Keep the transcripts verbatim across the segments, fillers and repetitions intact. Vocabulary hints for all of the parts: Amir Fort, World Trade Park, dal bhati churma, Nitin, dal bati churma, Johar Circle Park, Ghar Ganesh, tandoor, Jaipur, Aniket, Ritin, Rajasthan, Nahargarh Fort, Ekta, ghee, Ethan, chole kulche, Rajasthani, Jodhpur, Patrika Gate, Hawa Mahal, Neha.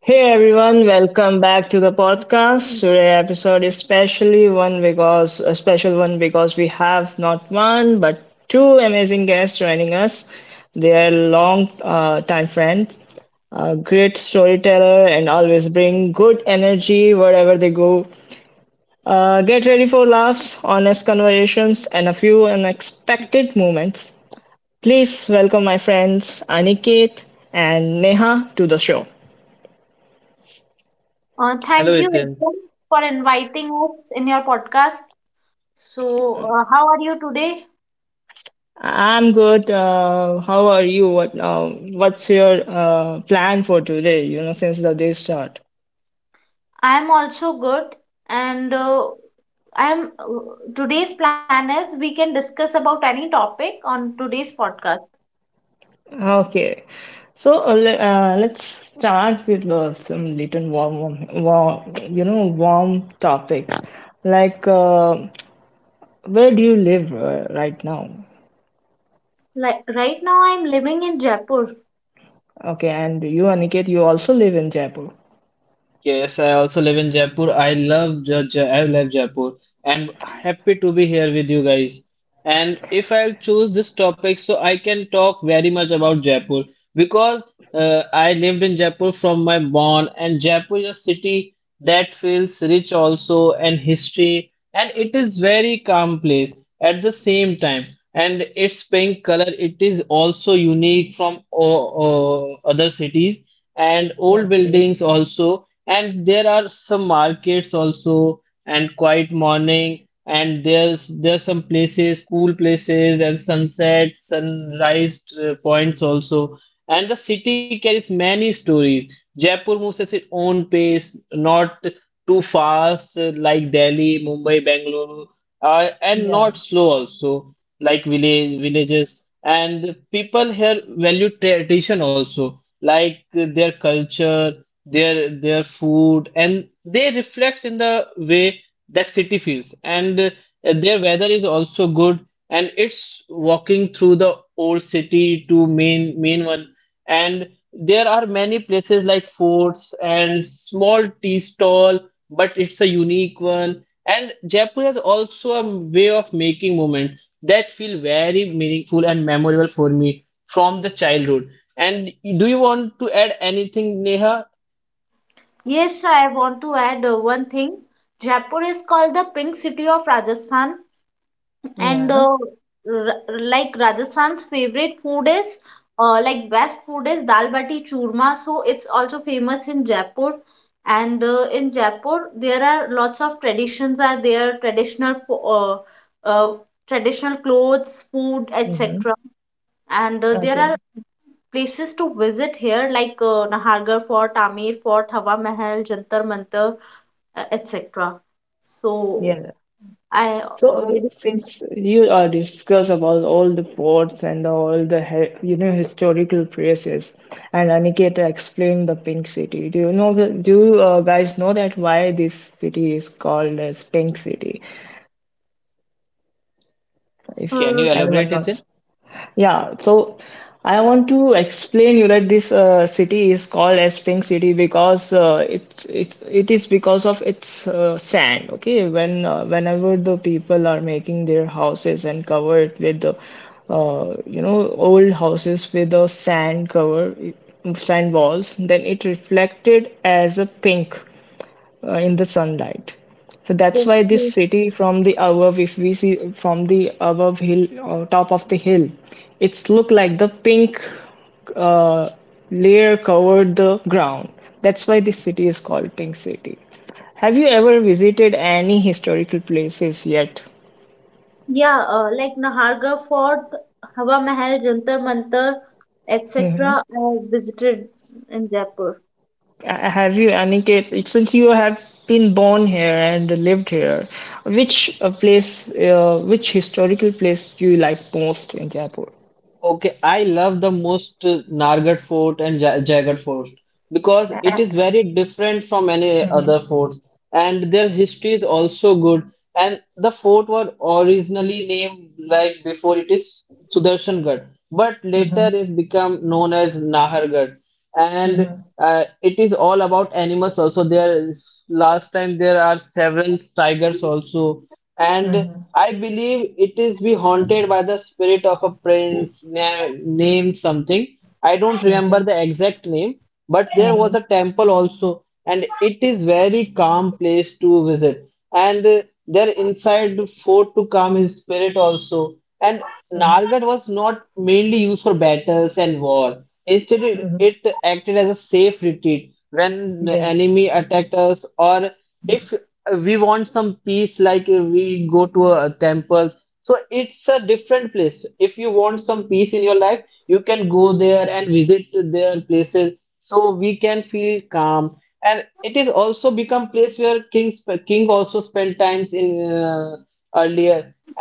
Hey everyone, welcome back to the podcast. Today episode is specially one because a special one because we have not one but two amazing guests joining us. They are long uh, time friends, a great storyteller, and always bring good energy wherever they go. Uh, get ready for laughs, honest conversations, and a few unexpected moments. Please welcome my friends Aniket and Neha to the show. Uh, thank you, Ekta, for inviting us in your podcast. So, uh, how are you today? I'm good. Uh, how are you? What uh, what's your uh, plan for today? You know, since the day start. I am also good, and uh, I am. Uh, today's plan is we can discuss about any topic on today's podcast. Okay, so uh, le- uh, let's start with uh, some little warm, warm, warm, you know, warm topics. Like, uh, where do you live uh, right now? Like right now, I am living in Jaipur. Okay, and you, Aniket, you also live in Jaipur. Okay. Yeah. Yes, I want to add uh, one thing. Jaipur is called the Pink City of Rajasthan. And Yeah. uh, r- like Rajasthan's favorite food is uh, like best food is dal bati churma. So it's also famous in Jaipur. And uh, in Jaipur, there are lots of traditions are there, traditional fo- uh, uh, traditional clothes, food, Mm-hmm. et cetera. And uh, there Okay. are places to visit here like uh, Nahargarh Fort, Amir Fort, Hawa Mahal, Jantar Mantar, uh, et cetera. So Yeah. I So already uh, since you uh, discuss about all the forts and all the he- you know historical places, and Aniketa explained the Pink City. Do you know the, do you uh, guys know that why this city is called as Pink City? If uh, anyone knows. Yeah, so I want to explain you that this uh, city is called as Pink City because uh, it's it it is because of its uh, sand. Okay, when uh, whenever the people are making their houses and cover it with the uh, you know old houses with the sand cover sand walls, then it reflected as a pink uh, in the sunlight. So that's spoke why this to. city from the above, if we see from the above hill or top of the hill, it's look like the pink uh, layer covered the ground. That's why this city is called Pink City. Have you ever visited any historical places yet? Yeah, uh, like Nahargarh Fort, Hawa Mahal, Jantar Mantar, et cetera. I visited in Jaipur. Uh, Have you, Aniket, since you have been born here and lived here, which uh, place, uh, which historical place do you like most in Jaipur? Mm-hmm. Okay. Mm-hmm. Mm-hmm. Mm-hmm. Yes.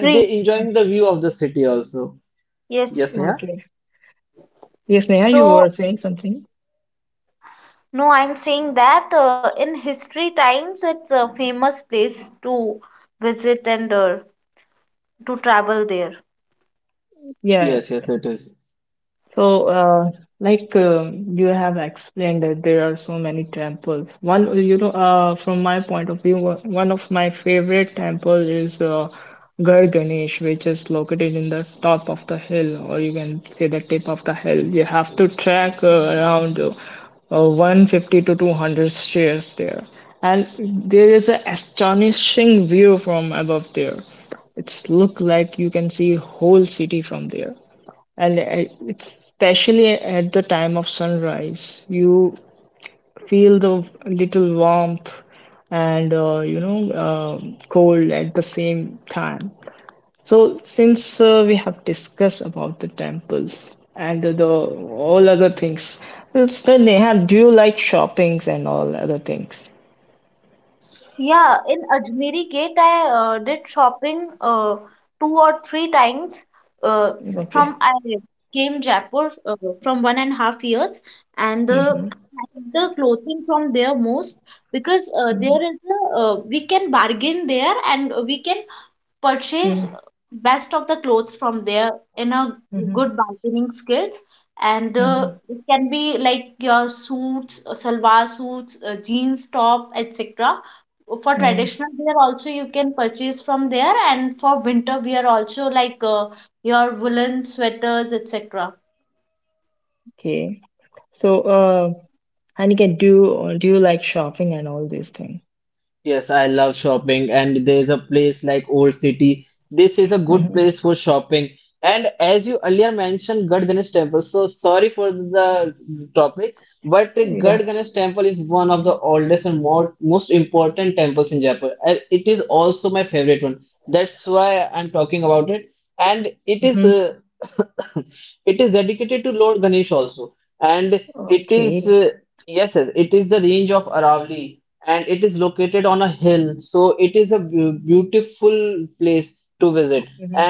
Three, yes. Okay. Yes, Neha, So, you were saying something. no, I'm saying that uh, in history times, it's a famous place to visit and uh, to travel there. Yeah, so, uh, like um, you have explained that there are so many temples. One, you know, uh, from my point of view, one one of my favorite temple is uh, Ghar Ganesh, which is located in the top of the hill, or you can say the tip of the hill. You have to trek uh, around uh, uh, one hundred fifty to two hundred stairs there, and there is an astonishing view from above there. It's look like you can see whole city from there and uh, especially at the time of sunrise you feel the little warmth and uh, you know uh, cold at the same time. So since uh, we have discussed about the temples and the all other things, so Neha, do you like shoppings and all other things? Yeah, in Ajmeri Gate, I uh, did shopping uh, two or three times. Uh, Okay. from I came Jaipur uh, from one and a half years, and the the clothing from there most because uh, there is a uh, we can bargain there and we can purchase best of the clothes from there in a Mm-hmm. good bargaining skills, and uh, Hmm. it can be like your suits, uh, salwar suits, uh, jeans top, etc. For traditional wear also you can purchase from there, and for winter wear also like uh, your woolen sweaters, etc. Okay. So uh Aniket, do do you like shopping and all these things? Mhm. Mm-hmm. Okay. Hmm.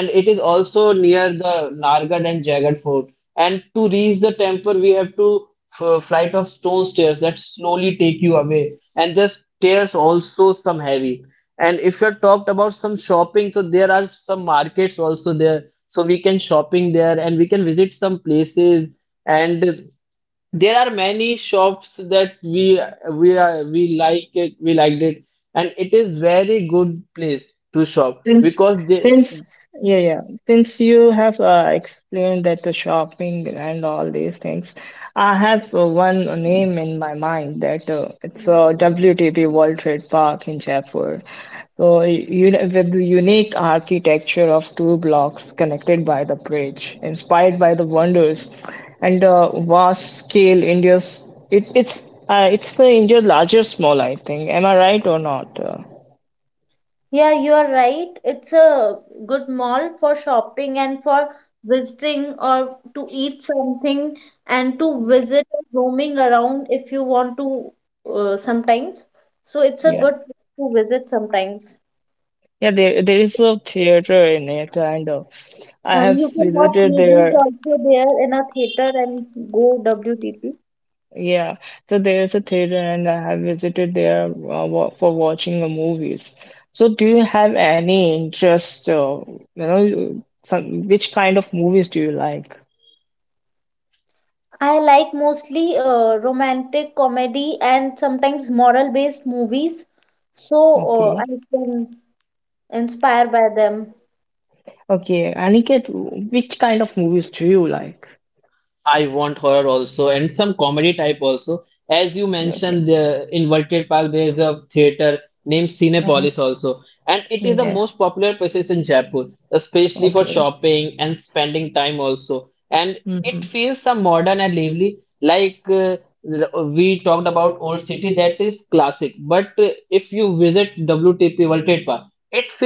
Since since yeah, yeah, since you have uh, explained that the shopping and all these things, I have uh, one name in my mind that uh, it's uh, W T P World Trade Park in Jaipur. So you with the unique architecture of two blocks connected by the bridge, inspired by the wonders and the vast scale India's it, it's uh, it's the India's largest mall, I think. Am I right or not? Uh? Yeah, you are right. It's a good mall for shopping and for visiting or to eat something and to visit and roaming around if you want to, uh, sometimes. So it's a Yeah, good place to visit sometimes. yeah. There, there is a theater in it, kind of. I And you have can watch visited movies there. also there in a theater and go W T P. Yeah, so there is a theater, and I have visited there uh, wa- for watching the movies. So, do you have any interest? Uh, you know, some which kind of movies do you like? I like mostly uh, romantic comedy and sometimes moral-based movies. So uh, Okay, I can inspire by them. okay. Aniket, which kind of movies do you like? Okay. Mhm. Yeah. Okay. Mm-hmm.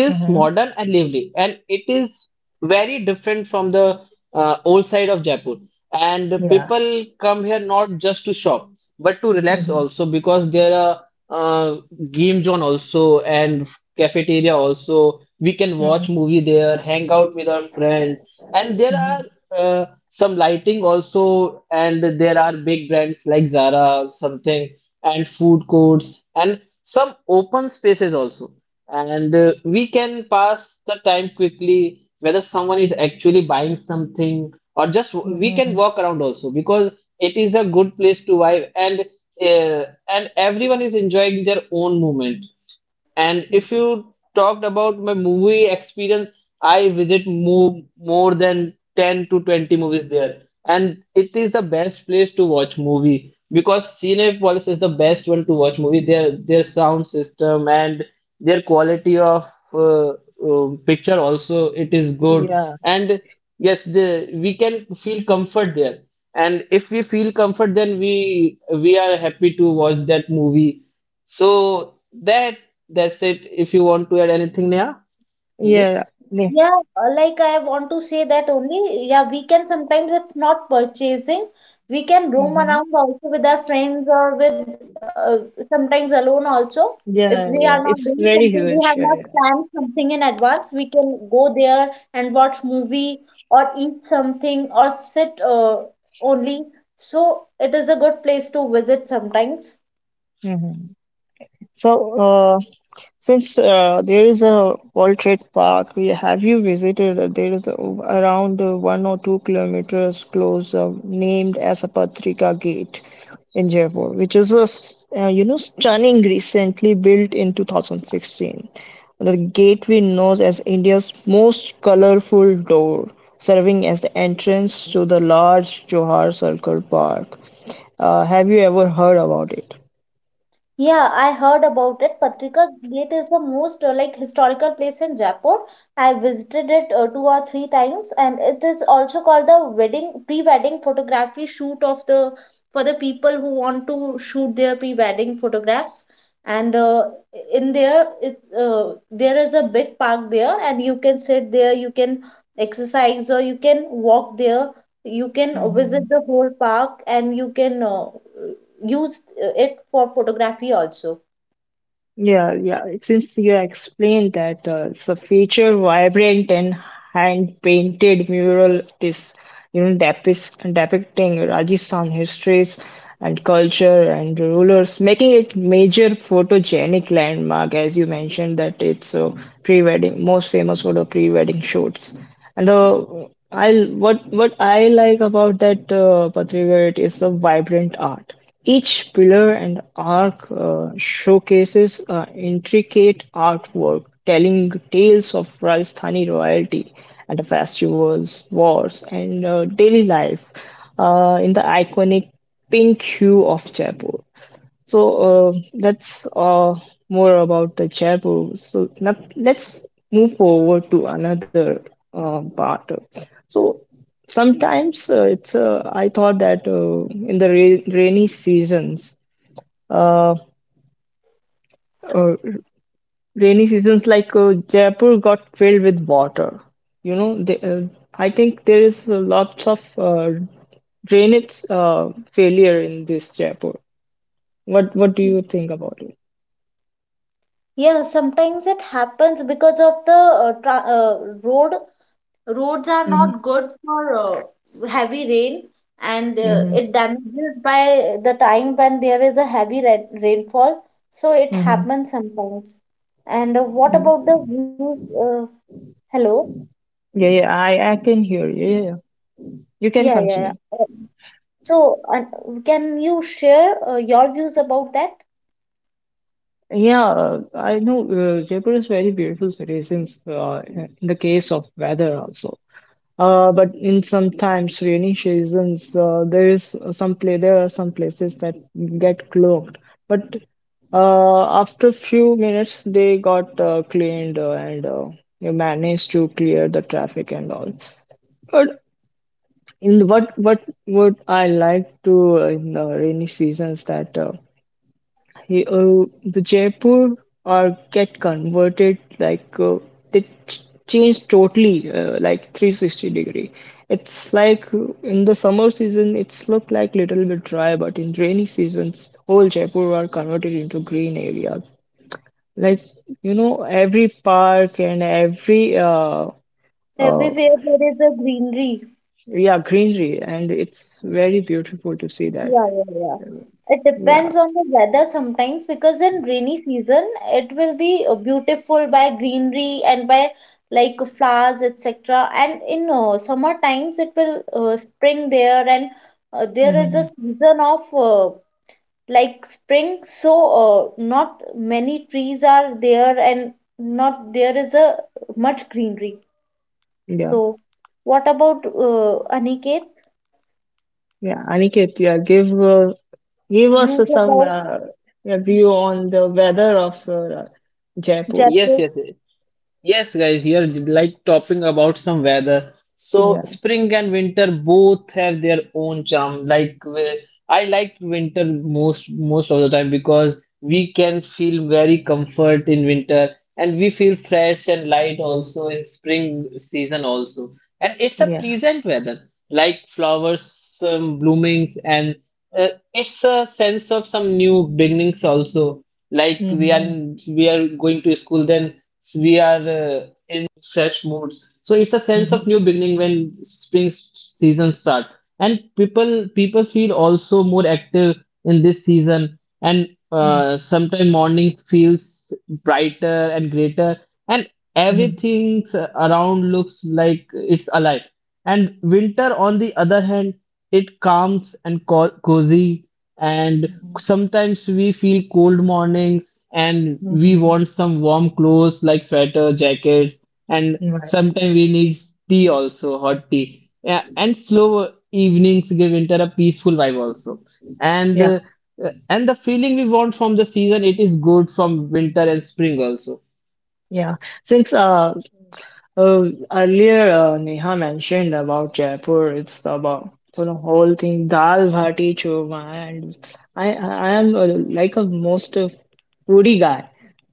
Mm-hmm. Yeah. Mm-hmm. Mm-hmm. Mm-hmm. Mm-hmm. Yeah. Yeah. Yeah. Yeah, uh, like I want to say that only. Yeah, we can sometimes, if not purchasing, we can roam Hmm. around also with our friends or with, uh, sometimes alone also. If we are Yeah, not yeah. doing It's something, very we have not huge. Yeah, yeah. planned something in advance, we can go there and watch movie or eat something or sit, uh, only. So it is a good place to visit sometimes. Hmm. So, uh, since uh, there is a World Trade Park, we have you visited? uh, There is a, around uh, one or two kilometers close, uh, named as a Patrika Gate in Jaipur, which is a s- uh, you know stunning recently built in two thousand sixteen. The gateway known as India's most colorful door, serving as the entrance to the large Johar Circle Park. Uh, have you ever heard about it? Yeah, I heard about it. Patrika Gate is the most uh, like historical place in Jaipur. I visited it uh, two or three times, and it is also called the wedding pre-wedding photography shoot of the, for the people who want to shoot their pre-wedding photographs. And uh, in there, it's uh, there is a big park there, and you can sit there, you can exercise, or you can walk there. You can visit the whole park, and you can uh, used uh, it for photography also. Yeah, yeah. Since you explained that uh, it's a feature vibrant and hand-painted mural is you know depis depicting Rajasthan histories and culture and rulers, making it major photogenic landmark, as you mentioned that it's a pre-wedding most famous for the pre-wedding shoots. And the I what what I like about that uh, Patrika is the vibrant art. Each pillar and arch uh, showcases uh, intricate artwork telling tales of Rajasthani royalty and the festivals, wars, and uh, daily life uh, in the iconic pink hue of Jaipur. So uh, that's uh, more about the Jaipur. So now let's move forward to another uh, part. So sometimes uh, it's uh, I thought that uh, in the ra- rainy seasons, uh, uh, rainy seasons like uh, Jaipur got filled with water. You know, they, uh, I think there is uh, lots of uh, drainage uh, failure in this Jaipur. What what do you think about it? Yeah, sometimes it happens because of the uh, tra- uh, road, roads are Mm-hmm, not good for uh, heavy rain, and uh, it damages by the time when there is a heavy rain- rainfall. So it mm-hmm. happens sometimes. And uh, what about the views, uh, hello? Yeah, yeah, I, I can hear you. Yeah, yeah. You can Yeah, yeah, continue. yeah. Uh, so, and can you share uh, your views about that? Yeah, uh, I know uh, Jaipur is very beautiful city since uh, in the case of weather also. Uh, but in sometimes rainy seasons, uh, there is some play. There are some places that get clogged, but uh, after few minutes they got uh, cleaned uh, and uh, you managed to clear the traffic and all. But in what what would I like to uh, in the rainy seasons that uh, he, uh, the Jaipur are get converted like uh, they ch- change totally uh, like three sixty degree. It's like uh, in the summer season it's look like little bit dry, but in rainy seasons whole Jaipur are converted into green areas. Like you know every park and every uh, uh, Everywhere there is a greenery. yeah greenery and it's very beautiful to see that. Yeah, yeah, yeah. It depends Yeah. on the weather sometimes because in rainy season it will be uh, beautiful by greenery and by like flowers et cetera. And in uh, summer times it will, uh, spring there, and uh, there is a Hmm. season of, uh, like spring. So uh, not many trees are there, and not there is a much greenery. Yeah, So what about uh, Aniket? yeah. Aniket, yeah, give uh, give us Views some about uh, review on the weather of uh, Jaipur. Yes, Jaipur? yes, yes. Yes, guys, you're like talking about some weather. So Yeah, spring and winter both have their own charm. Like we- I like winter most most of the time because we can feel very comfort in winter, and we feel fresh and light also in spring season also. And it's a yeah. pleasant weather, like flowers, um, bloomings, and uh, it's a sense of some new beginnings also. Like we are Mm-hmm. In, we are going to school, then so we are uh, in fresh moods, so it's a sense of Mm-hmm. new beginning when spring s- season start, and people people feel also more active in this season. And Mm-hmm. uh, sometime morning feels brighter and greater, and Mm-hmm. everything s- around looks like it's alive. And winter, on the other hand, it calms and co- cozy, and Mm-hmm. sometimes we feel cold mornings and we Mm-hmm. want some warm clothes like sweater jackets. And Mm-hmm. Right. sometimes we need tea also, hot tea, yeah, and slow evenings give winter a peaceful vibe also. and Yeah, uh, and the feeling we want from the season, it is good from winter and spring also. yeah. Since uh, Uh, earlier, uh, Neha mentioned about Jaipur. It's about so the whole thing, dal bhati churma, and I I am uh, like a most uh, foodie guy.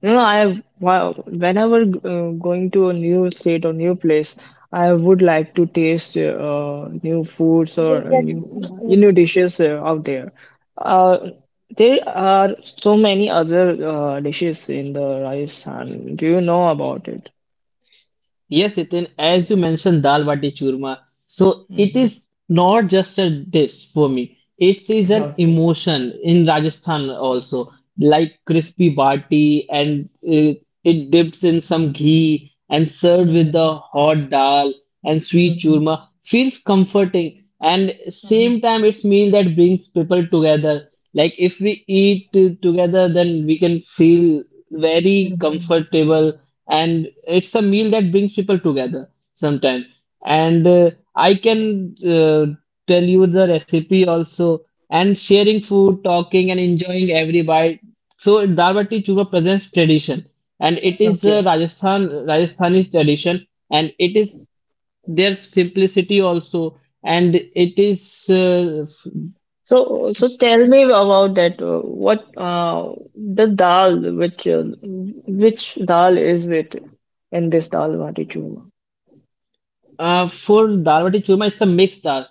You know, I have wh- whenever uh, going to a new state or new place, I would like to taste uh, new foods or new new dishes uh, out there. Uh, there are so many other uh, dishes in the Rajasthan. Do you know about it? Yes, Nitin, as you mentioned, dal bati churma. So it is not just a dish for me. It is an Okay. emotion in Rajasthan also, like crispy bati, and it, it dips in some ghee and served with Mhm, the hot dal and sweet mhm, churma. Feels comforting, and mhm, same time it's meal that brings people together. Like if we eat uh, together, then we can feel very mhm. comfortable. And it's a meal that brings people together sometimes. And uh, i can uh, tell you the recipe also. And sharing food, talking and enjoying every bite. So dal bati Churma presents tradition, and it is a Okay. Rajasthan Rajasthani tradition, and it is their simplicity also, and it is uh, So, so tell me about that. uh, What uh, the dal which uh, which dal is it in this dal bati churma? Uh, for Dalwati churma, it's a mixed dal.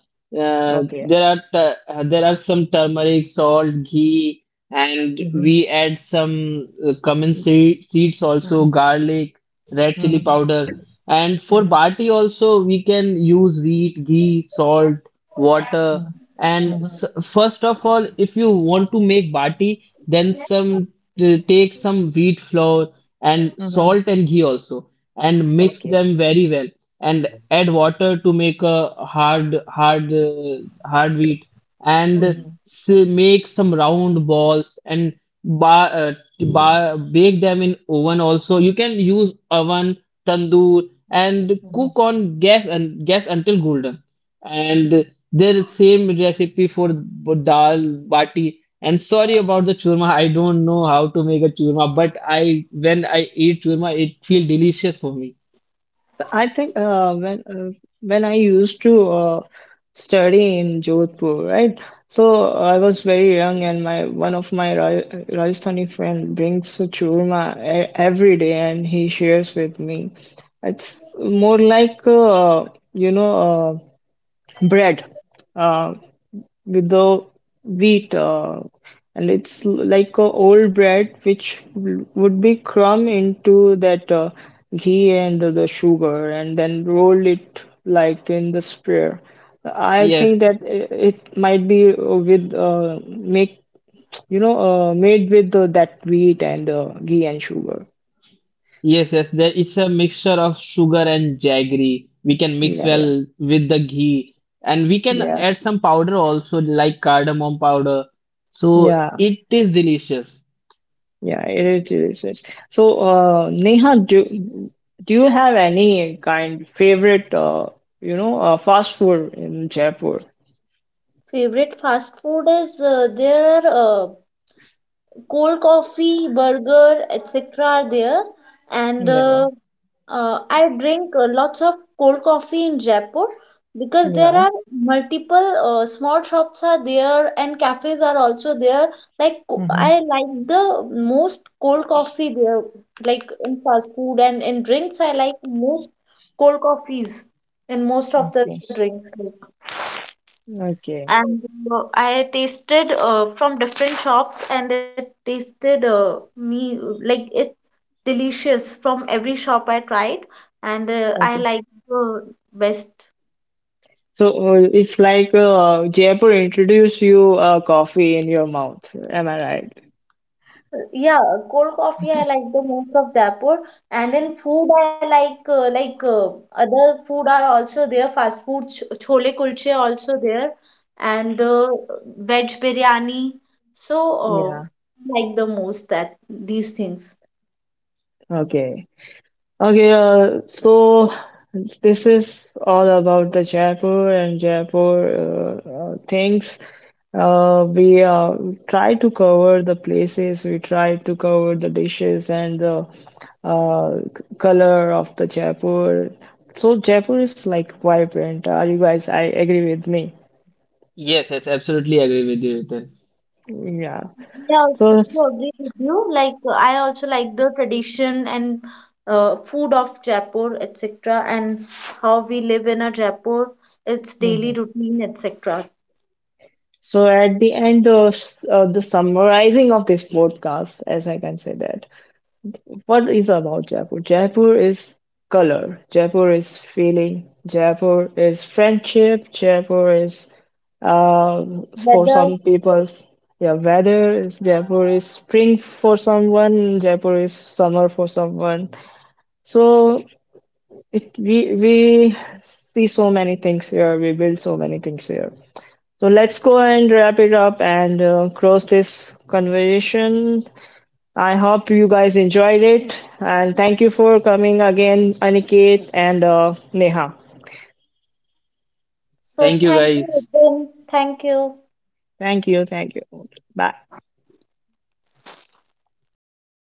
Uh, Okay. There are tu- uh, there are some turmeric, salt, ghee, and Mhm, we add some uh, cumin seed, seeds also, mhm, garlic, red chili mhm, powder. And for mhm, bati also, we can use wheat, ghee, salt, water. mhm, And s mhm, first of all, if you want to make bati, then some t- take some wheat flour and mhm, mhm. salt and ghee also, and mix Okay. them very well and add water to make a hard hard uh, hard wheat, and Mm-hmm. s- make some round balls and ba- uh, t- ba- bake them in oven. Also you can use oven, tandoor, and Mm-hmm. cook on gas and gas until golden. And there's same recipe for b- dal bati. And sorry about the churma, I don't know how to make a churma, but I when I eat churma it feel delicious for me. I think uh, when uh, when I used to uh, study in Jodhpur, right? So I was very young, and my one of my Ra- Rajasthani friend brings a churma e- every day, and he shares with me. It's more like uh, you know uh, bread. Uh, with the wheat uh, and it's l- like a old bread which w- would be crumb into that uh, ghee and the sugar and then roll it like in the sphere. I think Yes. that i- it might be uh, with uh, make you know uh, made with uh, that wheat and uh, ghee and sugar. Yes, yes, there is a mixture of sugar and jaggery. We can mix Yeah, yeah, well with the ghee, and we can yeah, add some powder also, like cardamom powder. So yeah. it is delicious. Yeah, it is research. So, uh, Neha, do do you have any kind favorite, uh, you know, uh, fast food in Jaipur? Favorite fast food is, uh, there are, uh, cold coffee, burger, et cetera are there, and uh, Yeah, uh, I drink uh, lots of cold coffee in Jaipur because there yeah. are multiple uh, small shops are there and cafes are also there. Like co- I Mm-hmm. like the most cold coffee there, like in fast food and in drinks. I like most cold coffees and most of the Okay, drinks. okay, And uh, I tasted uh, from different shops, and it tasted uh, me like it's delicious from every shop I tried, and uh, I okay. like the best. So uh, it's like uh, Jaipur introduced you uh, coffee in your mouth. Am I right? Yeah, cold coffee I like the most of Jaipur, and in food I like, uh, like uh, other food are also there. Fast food, ch- chole kulche also there, and uh, veg biryani. So uh, Yeah. like the most that these things. Okay. Okay, uh, so this is all about the Jaipur and Jaipur uh, uh, things. Uh, we uh, try to cover the places, we try to cover the dishes and the uh, c- color of the Jaipur. So Jaipur is like vibrant. Are you guys? I agree with me. Yes, yes, absolutely agree with you, Ethan. Yeah. Yeah, I So, also s- agree with you. Like uh, I also like the tradition and uh, food of Jaipur, et cetera, and how we live in a Jaipur, its daily mhm. routine, et cetera. So at the end, uh, s- uh, the summarizing of this podcast, as I can say that. What is about Jaipur? Jaipur is color. Jaipur is feeling. Jaipur is friendship. Jaipur is um, for Whether some people's yeah weather is Jaipur is spring for someone, Jaipur is summer for someone. So it we we see so many things here, we build so many things here. So let's go and wrap it up and uh, close this conversation. I hope you guys enjoyed it. And thank you for coming again, Aniket and uh, Neha. so, Thank you, thank you, guys. Ritin. Thank you. Thank you. Thank you. Bye.